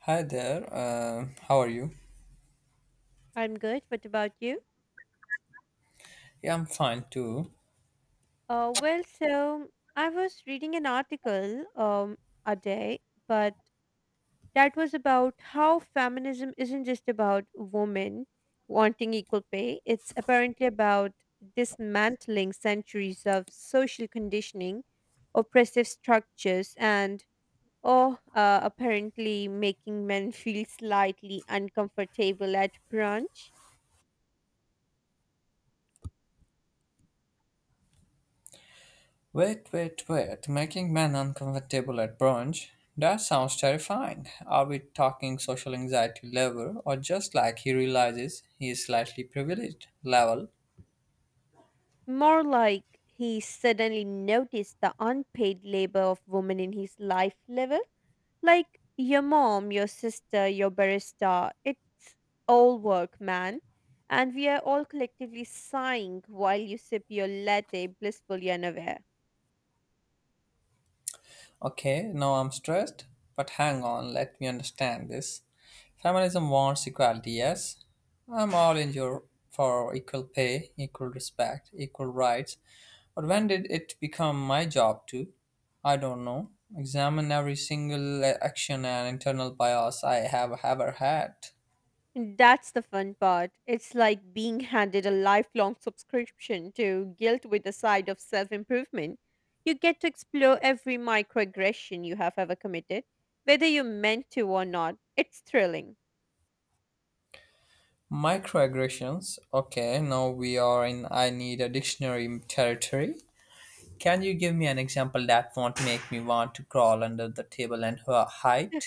Hi there, how are you? I'm good. What about you? Yeah, I'm fine too. Well, so I was reading an article a day, but that was about how feminism isn't just about women wanting equal pay. It's apparently about dismantling centuries of social conditioning, oppressive structures, and oh, apparently making men feel slightly uncomfortable at brunch. Wait, wait, wait, making men uncomfortable at brunch? That sounds terrifying. Are we talking social anxiety level or just like he realizes he is slightly privileged level? More like he suddenly noticed the unpaid labor of women in his life level. Like your mom, your sister, your barista, it's all work, man. And we are all collectively sighing while you sip your latte, blissfully unaware. Okay, now I'm stressed, but hang on, let me understand this. Feminism wants equality, yes? I'm all in your for equal pay, equal respect, equal rights, but when did it become my job to, I don't know, examine every single action and internal bias I have ever had? That's the fun part. It's like being handed a lifelong subscription to guilt with a side of self improvement. You get to explore every microaggression you have ever committed, whether you meant to or not. It's thrilling. Microaggressions. Okay, now we are in I need a dictionary territory. Can you give me an example that won't make me want to crawl under the table and hide?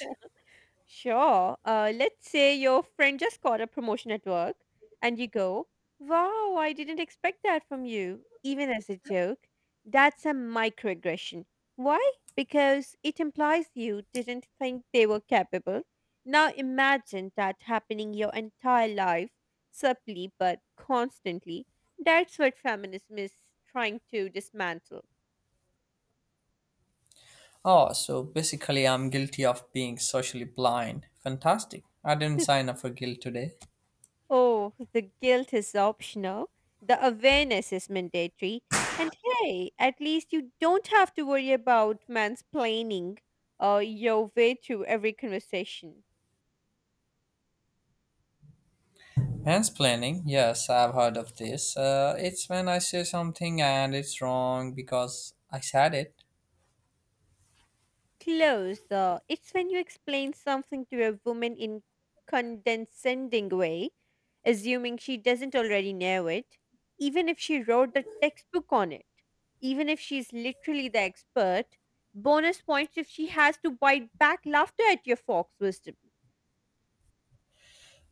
Sure. Let's say your friend just got a promotion at work, and you go, "Wow, I didn't expect that from you," even as a joke. That's a microaggression. Why? Because it implies you didn't think they were capable. Now imagine that happening your entire life, subtly but constantly. That's what feminism is trying to dismantle. Oh, so basically, I'm guilty of being socially blind. Fantastic. I didn't sign up for guilt today. Oh, the guilt is optional, the awareness is mandatory. And hey, at least you don't have to worry about mansplaining your way through every conversation. Mansplaining, yes, I've heard of this. It's when I say something and it's wrong because I said it. Close. It's when you explain something to a woman in condescending way, assuming she doesn't already know it, even if she wrote the textbook on it, even if she's literally the expert. Bonus points if she has to bite back laughter at your fox wisdom.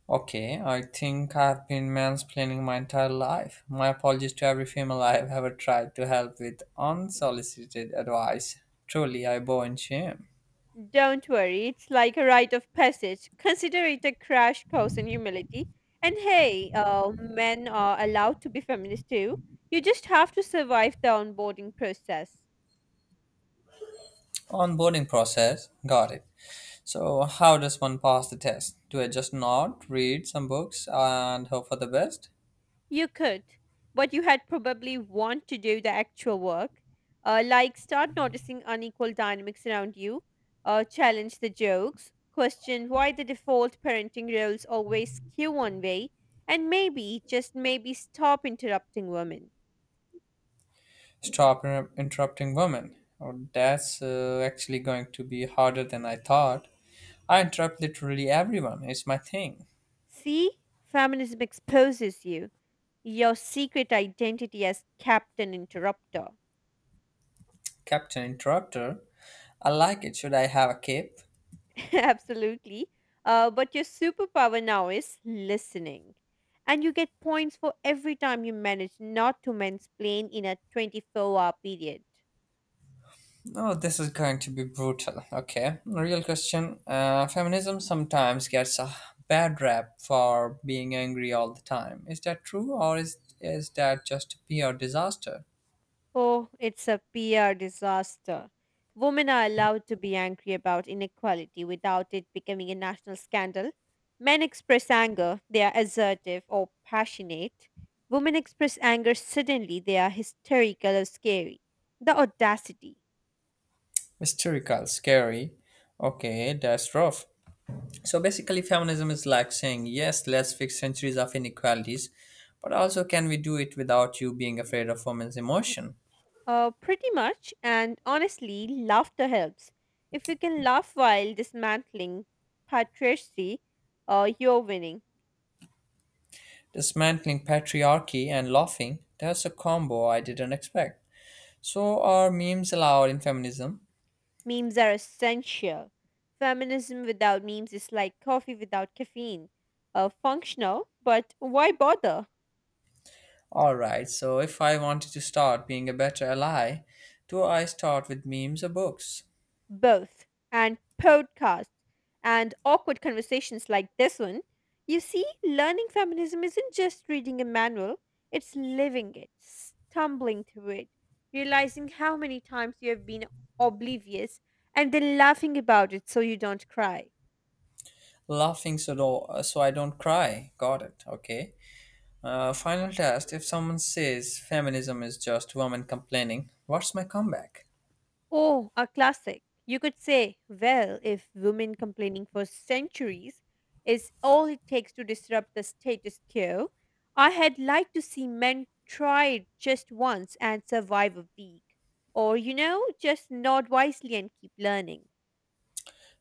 Okay, I think I've been mansplaining my entire life. My apologies to every female I've ever tried to help with unsolicited advice. Truly, I bow in shame. Don't worry, it's like a rite of passage. Consider it a crash course in humility. And hey, men are allowed to be feminists too. You just have to survive the onboarding process. Onboarding process, got it. So, how does one pass the test? Do I just nod, read some books, and hope for the best? You could, but you had probably want to do the actual work. Like start noticing unequal dynamics around you, challenge the jokes, question why the default parenting roles always skew one way, and maybe, just maybe, stop interrupting women. Stop interrupting women. Oh, that's actually going to be harder than I thought. I interrupt literally everyone. It's my thing. See, feminism exposes you, your secret identity as Captain Interrupter. Captain Interrupter. I like it. Should I have a cape? Absolutely. But your superpower now is listening. And you get points for every time you manage not to mansplain in a 24-hour hour period. Oh, this is going to be brutal. Okay, real question. Feminism sometimes gets a bad rap for being angry all the time. Is that true, or is that just a PR disaster? Oh, it's a PR disaster. Women are allowed to be angry about inequality without it becoming a national scandal. Men express anger, they are assertive or passionate. Women express anger suddenly, they are hysterical or scary. The audacity. Hysterical, scary. Okay, that's rough. So basically, feminism is like saying, yes, let's fix centuries of inequalities, but also can we do it without you being afraid of women's emotion? Pretty much, and honestly, laughter helps. If you can laugh while dismantling patriarchy, you're winning. Dismantling patriarchy and laughing, that's a combo I didn't expect. So, are memes allowed in feminism? Memes are essential. Feminism without memes is like coffee without caffeine. Functional, but why bother? Alright, so if I wanted to start being a better ally, do I start with memes or books? Both, and podcasts and awkward conversations like this one, you see, learning feminism isn't just reading a manual, it's living it, stumbling through it, realizing how many times you have been oblivious, and then laughing about it so you don't cry. Laughing so, so I don't cry. Got it, okay. Final test if someone says feminism is just women complaining, what's my comeback? Oh, a classic. You could say, well, if women complaining for centuries is all it takes to disrupt the status quo, I had liked to see men try it just once and survive a week. Or, just nod wisely and keep learning.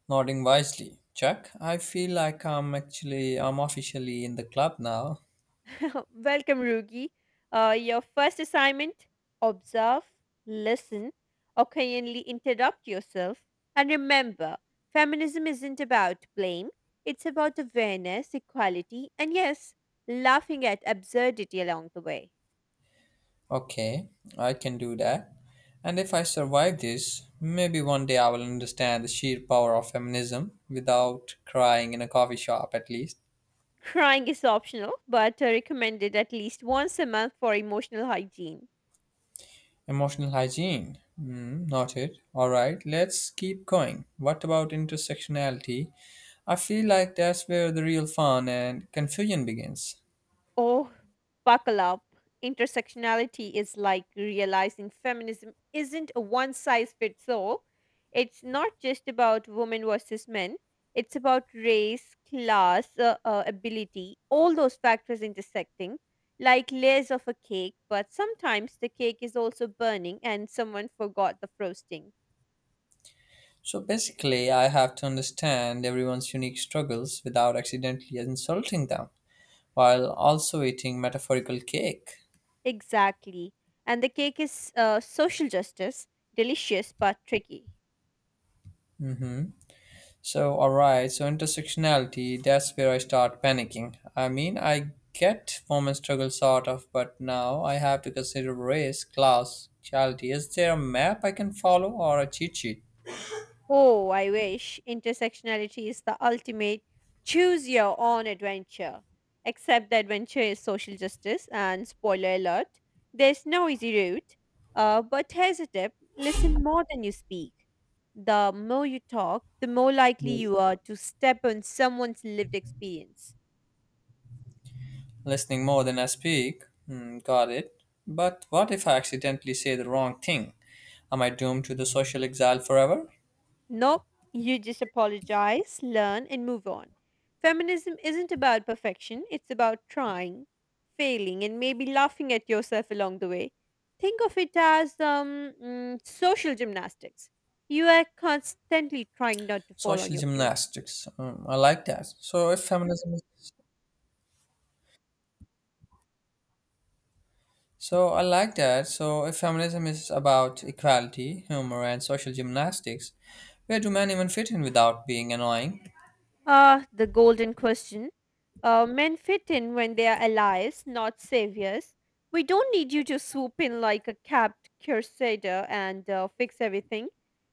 Nodding wisely. Chuck, I feel like I'm officially in the club now. Welcome, Rugi. Your first assignment observe, listen, occasionally interrupt yourself. And remember, feminism isn't about blame, it's about awareness, equality, and yes, laughing at absurdity along the way. Okay, I can do that. And if I survive this, maybe one day I will understand the sheer power of feminism without crying in a coffee shop at least. Crying is optional, but recommended at least once a month for emotional hygiene. Emotional hygiene. Mm, noted. All right, let's keep going. What about intersectionality? I feel like that's where the real fun and confusion begins. Oh, buckle up. Intersectionality is like realizing feminism isn't a one size fits all. It's not just about women versus men, it's about race, class, ability, all those factors intersecting, like layers of a cake, but sometimes the cake is also burning and someone forgot the frosting. So basically, I have to understand everyone's unique struggles without accidentally insulting them while also eating metaphorical cake. Exactly. And the cake is social justice, delicious but tricky. hmm So, alright, so intersectionality, that's where I start panicking. I mean, I get women struggle sort of, but now I have to consider race, class, charity. Is there a map I can follow or a cheat sheet? Oh, I wish intersectionality is the ultimate choose your own adventure. Except the adventure is social justice, and spoiler alert, there's no easy route. But here's a tip listen more than you speak. The more you talk, the more likely Mm. you are to step on someone's lived experience. Listening more than I speak, hmm, got it. But what if I accidentally say the wrong thing? Am I doomed to the social exile forever? Nope, you just apologize, learn, and move on. Feminism isn't about perfection, it's about trying, failing, and maybe laughing at yourself along the way. Think of it as social gymnastics. You are constantly trying not to fall on Social your face. gymnastics, hmm, I like that. So I like that. So if feminism is about equality, humor, and social gymnastics, where do men even fit in without being annoying? Ah, the golden question. Men fit in when they are allies, not saviors. We don't need you to swoop in like a capped crusader and fix everything.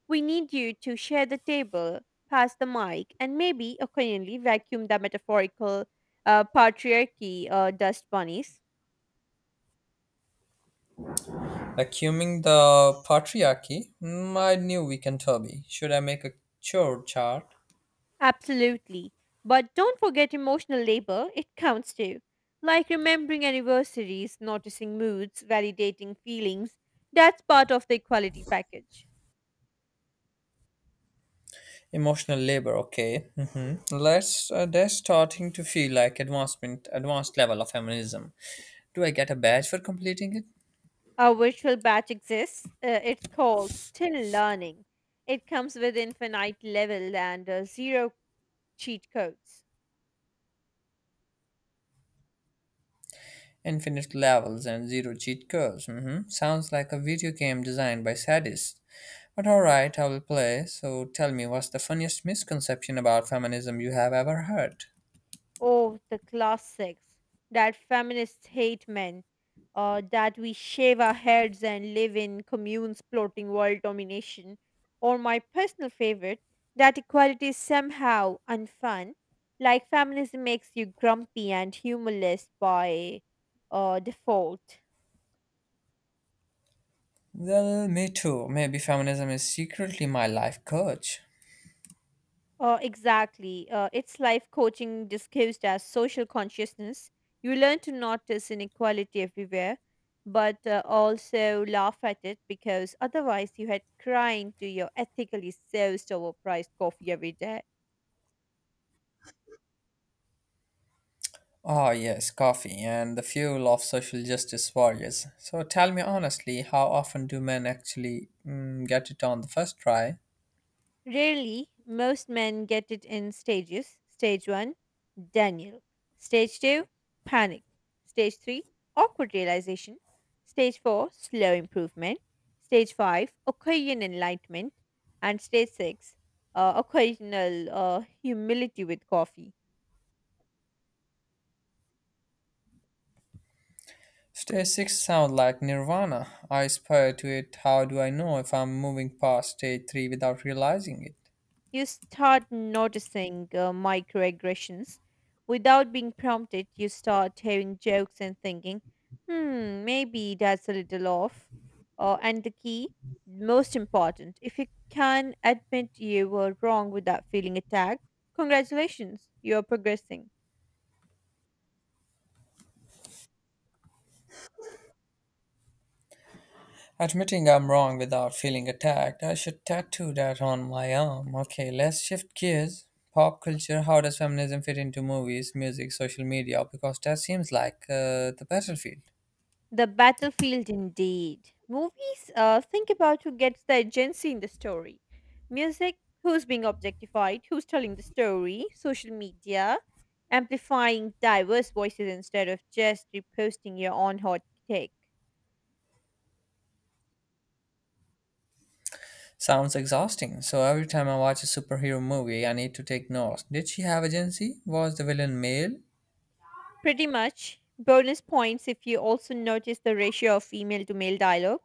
We need you to share the table, pass the mic, and maybe occasionally vacuum the metaphorical patriarchy dust bunnies. Vacuuming the patriarchy? Mm, I knew we can turby. Should I make a chore chart? Absolutely. But don't forget emotional labor, it counts too. Like remembering anniversaries, noticing moods, validating feelings. That's part of the equality package. Emotional labor, okay. Let's. They're starting to feel like advanced level of feminism. Do I get a badge for completing it? Our virtual batch exists. It's called Still Learning. It comes with infinite level and zero cheat codes. Infinite levels and zero cheat codes. Hmm, sounds like a video game designed by sadists. But alright, I will play. So tell me, what's the funniest misconception about feminism you have ever heard? Oh, the classics that feminists hate men, that we shave our heads and live in communes plotting world domination, or my personal favorite, that equality is somehow unfun, like feminism makes you grumpy and humorless by default. Well, me too. Maybe feminism is secretly my life coach. Exactly. It's life coaching disguised as social consciousness. You learn to notice inequality everywhere, but also laugh at it because otherwise you had crying to your ethically sourced overpriced coffee every day. Ah, yes, coffee and the fuel of social justice warriors. So tell me honestly, how often do men actually get it on the first try? Rarely, most men get it in stages. Stage 1, Daniel. Stage 2, panic. Stage 3, awkward realization. Stage 4, slow improvement. Stage 5, occasion enlightenment. And stage 6, occasional humility with coffee. Stage 6 sounds like Nirvana. I aspire to it. How do I know if I'm moving past stage 3 without realizing it? You start noticing microaggressions. Without being prompted, you start hearing jokes and thinking, hmm, maybe that's a little off. And the key, most important, if you can admit you were wrong without feeling attacked, congratulations, you're progressing. Admitting I'm wrong without feeling attacked, I should tattoo that on my arm. Okay, let's shift gears. Pop culture, how does feminism fit into movies, music, social media? Because that seems like the battlefield. The battlefield, indeed. Movies think about who gets the agency in the story. Music, who's being objectified, who's telling the story. Social media, amplifying diverse voices instead of just reposting your own hot take. Sounds exhausting. So every time I watch a superhero movie, I need to take notes. Did she have agency? Was the villain male? Pretty much, bonus points if you also notice the ratio of female to male dialogue,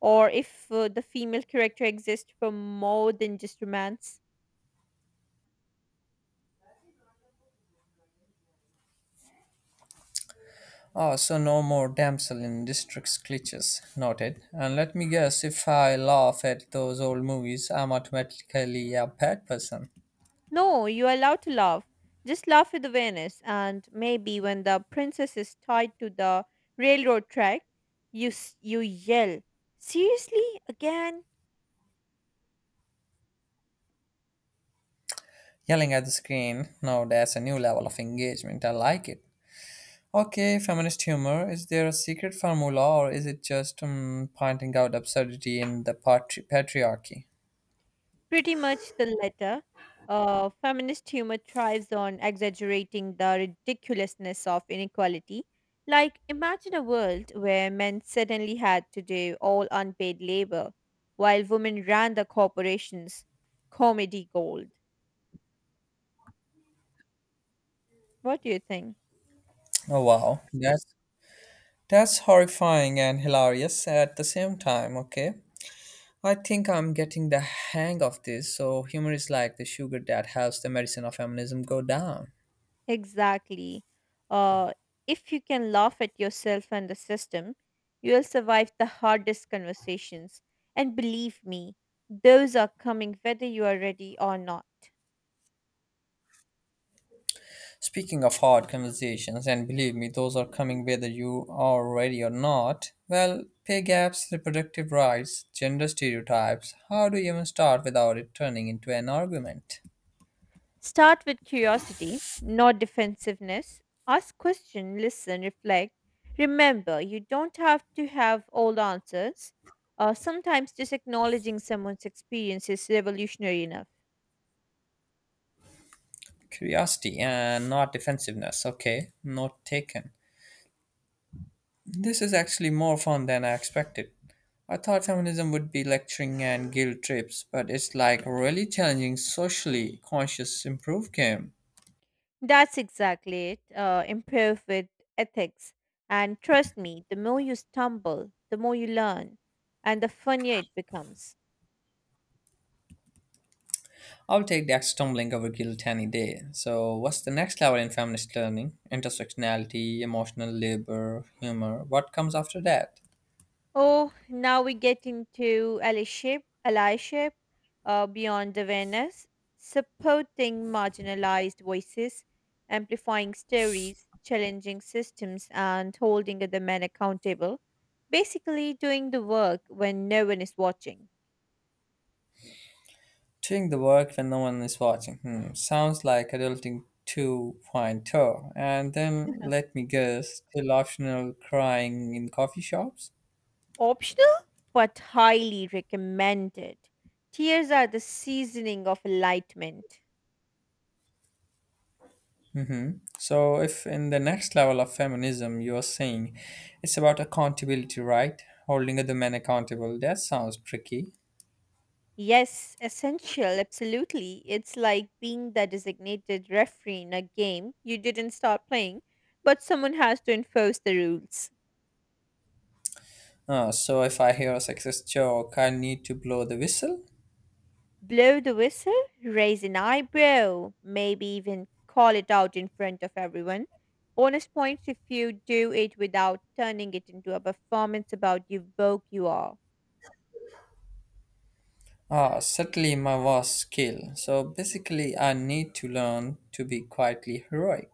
or if the female character exists for more than just romance. Ah, so no more damsel in distress glitches, noted. And let me guess, if I laugh at those old movies, I'm automatically a bad person. No, you're allowed to laugh. Just laugh with awareness, and maybe when the princess is tied to the railroad track, you yell, "Seriously again?" Yelling at the screen, now that's a new level of engagement, I like it. Okay, feminist humor, is there a secret formula or is it just pointing out absurdity in the patriarchy? Pretty much the letter. Feminist humor thrives on exaggerating the ridiculousness of inequality. Like, imagine a world where men suddenly had to do all unpaid labor, while women ran the corporations. Comedy gold. What do you think? Oh wow, that's horrifying and hilarious at the same time, okay? I think I'm getting the hang of this. So, humor is like the sugar that helps the medicine of feminism go down. Exactly. Uh, if you can laugh at yourself and the system, you'll survive the hardest conversations. And believe me, those are coming whether you are ready or not. Speaking of hard conversations, and believe me, those are coming whether you are ready or not. Well, pay gaps, reproductive rights, gender stereotypes. How do you even start without it turning into an argument? Start with curiosity, not defensiveness. Ask question, listen, reflect. Remember, you don't have to have all the answers. Sometimes just acknowledging someone's experience is revolutionary enough. Curiosity and not defensiveness. Okay, note taken. This is actually more fun than I expected. I thought feminism would be lecturing and guilt trips, but it's like really challenging, socially conscious improve game. That's exactly it. Improve with ethics. And trust me, the more you stumble, the more you learn, and the funnier it becomes. I'll take that stumbling over guilt any day. So, what's the next level in feminist learning? Intersectionality, emotional labor, humor. What comes after that? Oh, now we get into allyship, allyship, beyond awareness, supporting marginalized voices, amplifying stories, challenging systems, and holding other men accountable. Basically, doing the work when no one is watching. Doing the work when no one is watching. Hmm. Sounds like adulting 2.0. And then let me guess, still optional crying in coffee shops? Optional, but highly recommended. Tears are the seasoning of enlightenment. Mm-hmm. So, if in the next level of feminism you are saying it's about accountability, right? Holding other men accountable, that sounds tricky. Yes, essential, absolutely. It's like being the designated referee in a game you didn't start playing, but someone has to enforce the rules. So, if I hear a sexist joke, I need to blow the whistle? Blow the whistle, raise an eyebrow, maybe even call it out in front of everyone. Bonus points if you do it without turning it into a performance about you woke you are. Ah, certainly my worst skill. So, basically, I need to learn to be quietly heroic.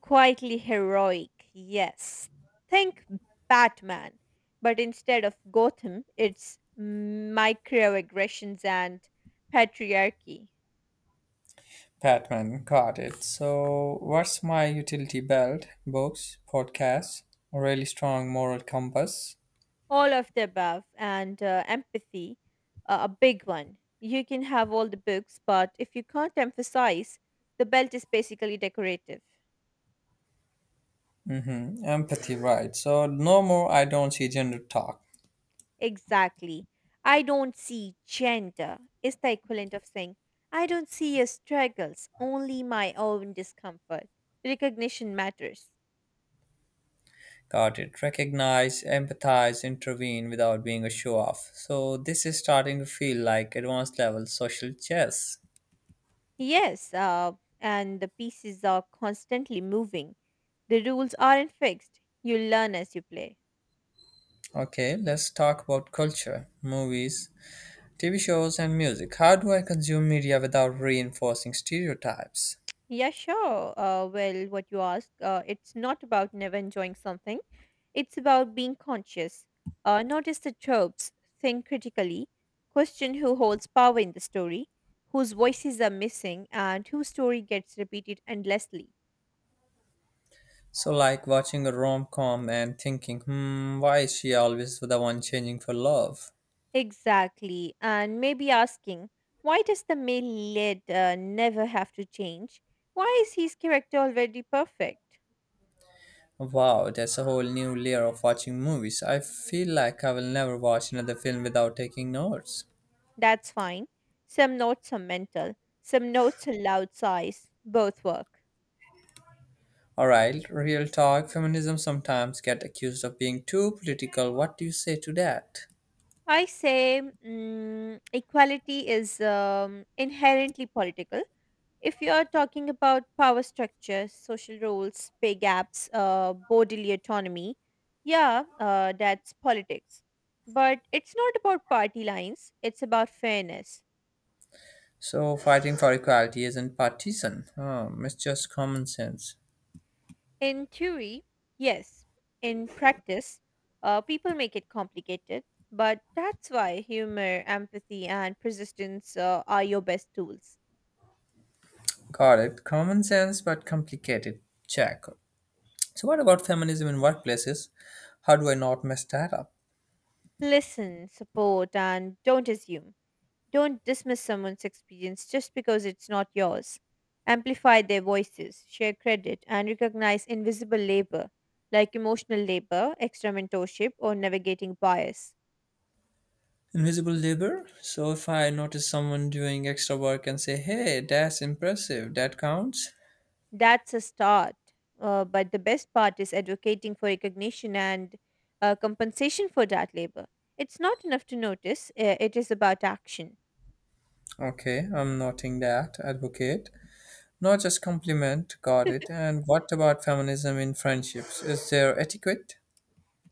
Quietly heroic, yes. Think Batman. But instead of Gotham, it's microaggressions and patriarchy. Batman, got it. So, what's my utility belt? Books, podcasts, a really strong moral compass? All of the above, and empathy, a big one. You can have all the books, but if you can't emphasize, the belt is basically decorative. Mm-hmm. Empathy, right. So no more I don't see gender talk. Exactly. I don't see gender is the equivalent of saying, I don't see your struggles, only my own discomfort. Recognition matters. Got it. Recognize, empathize, intervene without being a show off. So this is starting to feel like advanced level social chess. Yes, and the pieces are constantly moving. The rules aren't fixed. You learn as you play. Okay, let's talk about culture, movies, TV shows, and music. How do I consume media without reinforcing stereotypes? Yeah, sure. Well, what you ask, it's not about never enjoying something. It's about being conscious. Notice the tropes, think critically, question who holds power in the story, whose voices are missing, and whose story gets repeated endlessly. So, like watching a rom com and thinking, hmm, why is she always the one changing for love? Exactly. And maybe asking, why does the male lead never have to change? Why is his character already perfect? Wow, that's a whole new layer of watching movies. I feel like I will never watch another film without taking notes. That's fine. Some notes are mental, some notes are loud sighs. Both work. Alright, real talk, feminism sometimes get accused of being too political. What do you say to that? I say equality is inherently political. If you are talking about power structures, social roles, pay gaps, bodily autonomy, yeah, that's politics. But it's not about party lines, it's about fairness. So fighting for equality isn't partisan. It's just common sense. In theory, yes. In practice, people make it complicated, but that's why humor, empathy, and persistence are your best tools. Got it. Common sense but complicated. Check. So what about feminism in workplaces? How do I not mess that up? Listen, support, and don't assume. Don't dismiss someone's experience just because it's not yours. Amplify their voices, share credit, and recognize invisible labor like emotional labor, extra mentorship, or navigating bias. Invisible labor? So if I notice someone doing extra work and say, hey, that's impressive, that counts? That's a start. But the best part is advocating for recognition and compensation for that labor. It's not enough to notice, it is about action. Okay, I'm noting that, advocate. Not just compliment, got it. And what about feminism in friendships? Is there etiquette?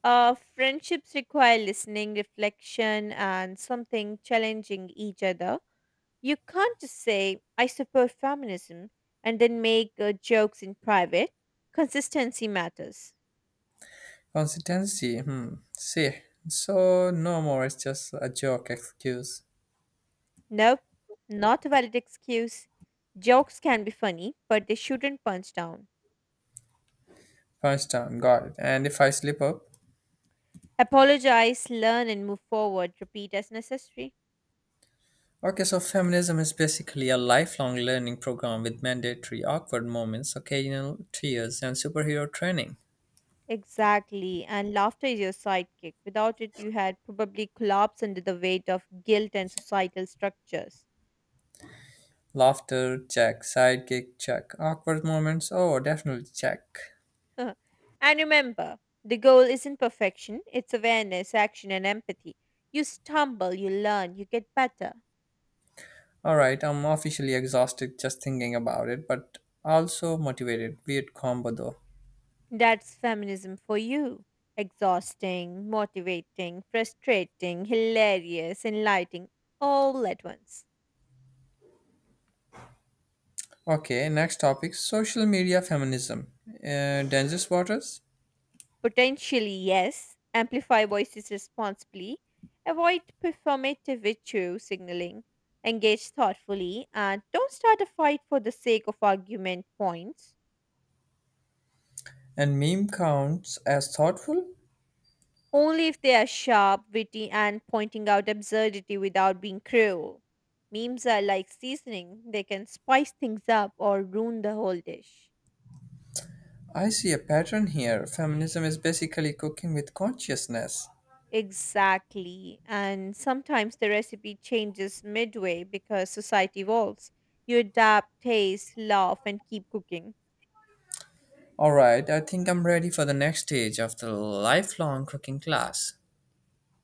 Friendships require listening, reflection, and something challenging each other. You can't just say, I support feminism, and then make jokes in private. Consistency matters. Consistency? Hmm, see. So no more, it's just a joke excuse. Nope, not a valid excuse. Jokes can be funny, but they shouldn't punch down. Punch down, got it. And if I slip up? Apologize, learn, and move forward. Repeat as necessary. Okay, so feminism is basically a lifelong learning program with mandatory awkward moments, occasional tears, and superhero training. Exactly. And laughter is your sidekick. Without it, you had probably collapsed under the weight of guilt and societal structures. Laughter, check. Sidekick, check. Awkward moments, oh, definitely check. and remember, the goal isn't perfection, it's awareness, action, and empathy. You stumble, you learn, you get better. All right, I'm officially exhausted just thinking about it, but also motivated. Weird combo though. That's feminism for you. Exhausting, motivating, frustrating, hilarious, enlightening, all at once. Okay, next topic social media feminism. Dangerous waters? Potentially, yes. Amplify voices responsibly. Avoid performative virtue signaling. Engage thoughtfully. And don't start a fight for the sake of argument points. And meme counts as thoughtful? Only if they are sharp, witty, and pointing out absurdity without being cruel. Memes are like seasoning, they can spice things up or ruin the whole dish. I see a pattern here. Feminism is basically cooking with consciousness. Exactly. And sometimes the recipe changes midway because society evolves. You adapt, taste, laugh, and keep cooking. Alright, I think I'm ready for the next stage of the lifelong cooking class.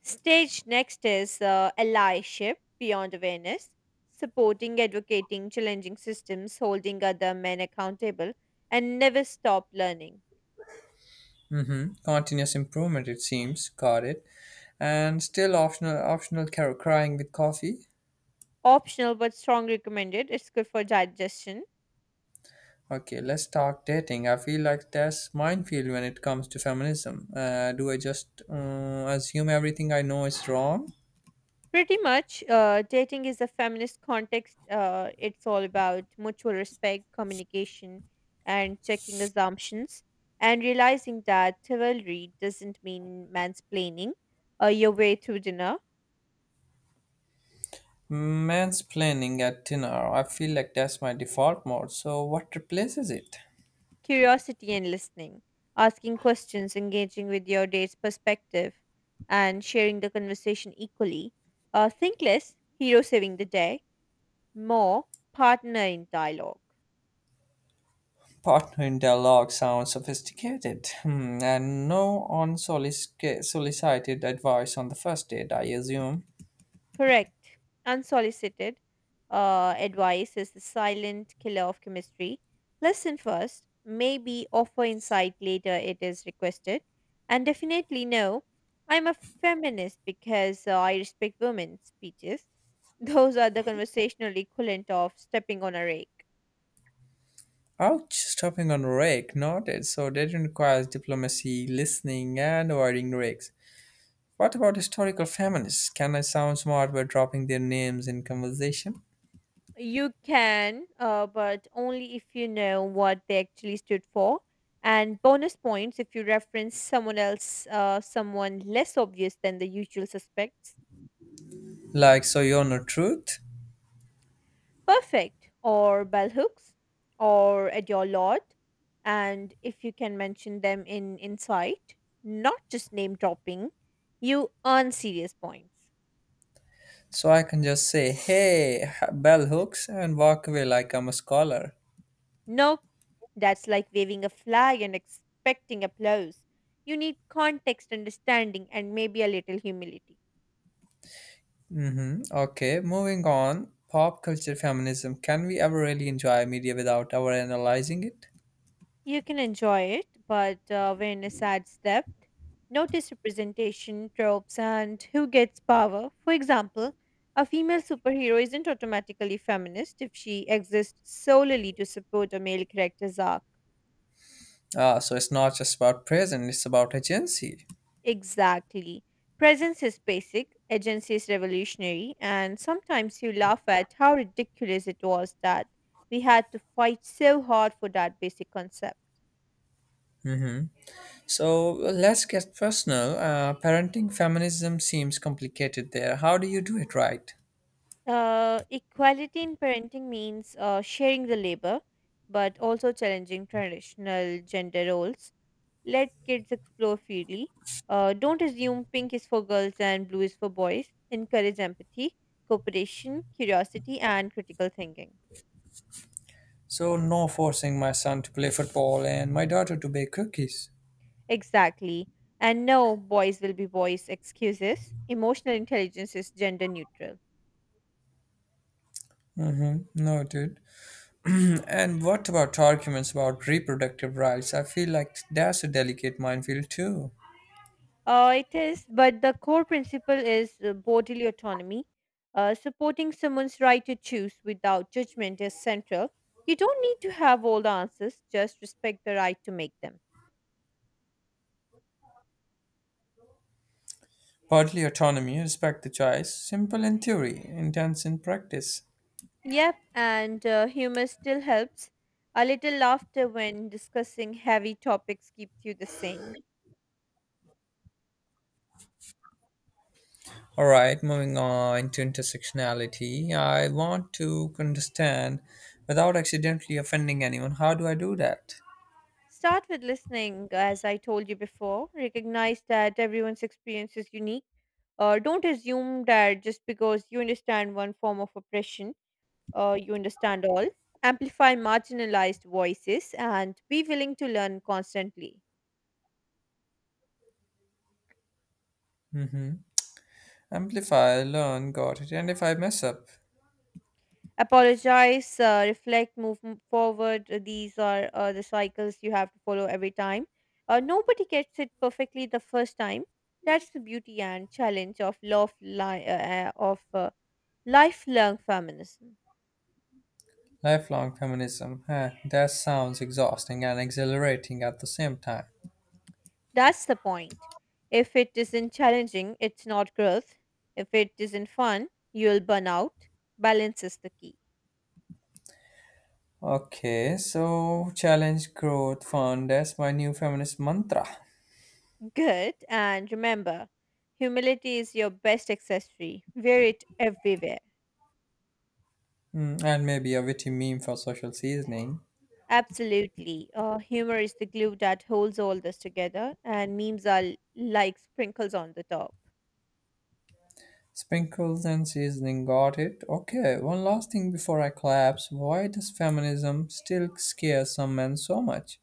Stage next is allyship beyond awareness, supporting, advocating, challenging systems, holding other men accountable, and never stop learning. Mm hmm. Continuous improvement, it seems. Got it. And still optional crying with coffee. Optional but strong recommended. It's good for digestion. Okay, let's talk dating. I feel like that's minefield when it comes to feminism. Do I just assume everything I know is wrong? Pretty much, dating is a feminist context. It's all about mutual respect, communication, and checking assumptions, and realizing that chivalry doesn't mean mansplaining your way through dinner. Mansplaining at dinner. I feel like that's my default mode. So what replaces it? Curiosity and listening, asking questions, engaging with your date's perspective, and sharing the conversation equally. Think less, hero saving the day, more partner in dialogue. Partner in dialogue sounds sophisticated. Hmm, and no unsolicited advice on the first date, I assume. Correct. Unsolicited advice is the silent killer of chemistry. Listen first, maybe offer insight later it is requested. And definitely no, I'm a feminist because I respect women speeches. Those are the conversational equivalent of stepping on a rake. Ouch, stopping on Rick noted, so dating requires diplomacy, listening, and avoiding Ricks. What about historical feminists? Can I sound smart by dropping their names in conversation? You can, but only if you know what they actually stood for. And bonus points if you reference someone else, someone less obvious than the usual suspects. Like, so you're no truth? Perfect, or bell hooks, or at your lot. And if you can mention them in insight, not just name dropping, you earn serious points. So I can just say, hey, bell hooks, and walk away like I'm a scholar. Nope, that's like waving a flag and expecting applause. You need context, understanding, and maybe a little humility. Mm-hmm. Okay, moving on. Pop culture feminism. Can we ever really enjoy media without ever analyzing it? You can enjoy it, but awareness adds depth. Notice representation, tropes, and who gets power. For example, a female superhero isn't automatically feminist if she exists solely to support a male character's arc. Ah, so it's not just about present, it's about agency. Exactly. Presence is basic, agency is revolutionary, and sometimes you laugh at how ridiculous it was that we had to fight so hard for that basic concept. So let's get personal. Parenting feminism seems complicated there. How do you do it right? Equality in parenting means sharing the labor, but also challenging traditional gender roles. Let kids explore freely. Don't assume pink is for girls and blue is for boys. Encourage empathy, cooperation, curiosity, and critical thinking. So, no forcing my son to play football and my daughter to bake cookies. Exactly. And no, boys will be boys excuses. Emotional intelligence is gender neutral. Mm-hmm. Noted. And what about arguments about reproductive rights? I feel like that's a delicate minefield too. It is, but the core principle is bodily autonomy. Supporting someone's right to choose without judgment is central. You don't need to have all the answers, just respect the right to make them. Partly autonomy, respect the choice, simple in theory, intense in practice. Yep, and humor still helps. A little laughter when discussing heavy topics keeps you the sane. All right, moving on to intersectionality. I want to understand without accidentally offending anyone. How do I do that? Start with listening, as I told you before. Recognize that everyone's experience is unique. Don't assume that just because you understand one form of oppression, you understand all. Amplify marginalized voices and be willing to learn constantly. hmm Amplify, learn, got it. And if I mess up, Apologize, reflect, forward. These are the cycles you have to follow every time. Nobody gets it perfectly the first time. That's the beauty and challenge of uh, of uh, lifelong feminism. lifelong feminism. Huh, that sounds exhausting and exhilarating at the same time. That's the point. If it isn't challenging, it's not growth. If it isn't fun, you'll burn out. Balance is the key. Okay, so challenge growth fund. That's my new feminist mantra. Good. And remember, humility is your best accessory. Wear it everywhere. Mm, and maybe a witty meme for social seasoning. Absolutely. Humor is the glue that holds all this together, and memes are like sprinkles on the top. Sprinkles and seasoning, got it. Okay, one last thing before I collapse. Why does feminism still scare some men so much?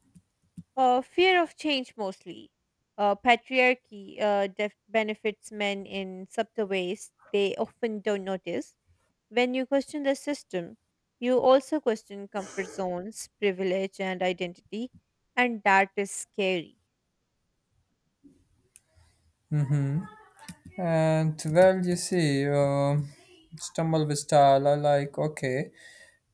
Fear of change mostly. Patriarchy benefits men in subtle ways they often don't notice. When you question the system, you also question comfort zones, privilege, and identity, and that is scary. And well, you see, stumble with style. I like, okay,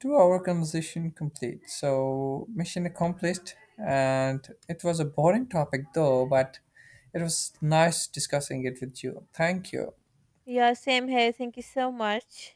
2 hour conversation complete. So, mission accomplished. And it was a boring topic though, but it was nice discussing it with you. Thank you. Yeah, same here. Thank you so much.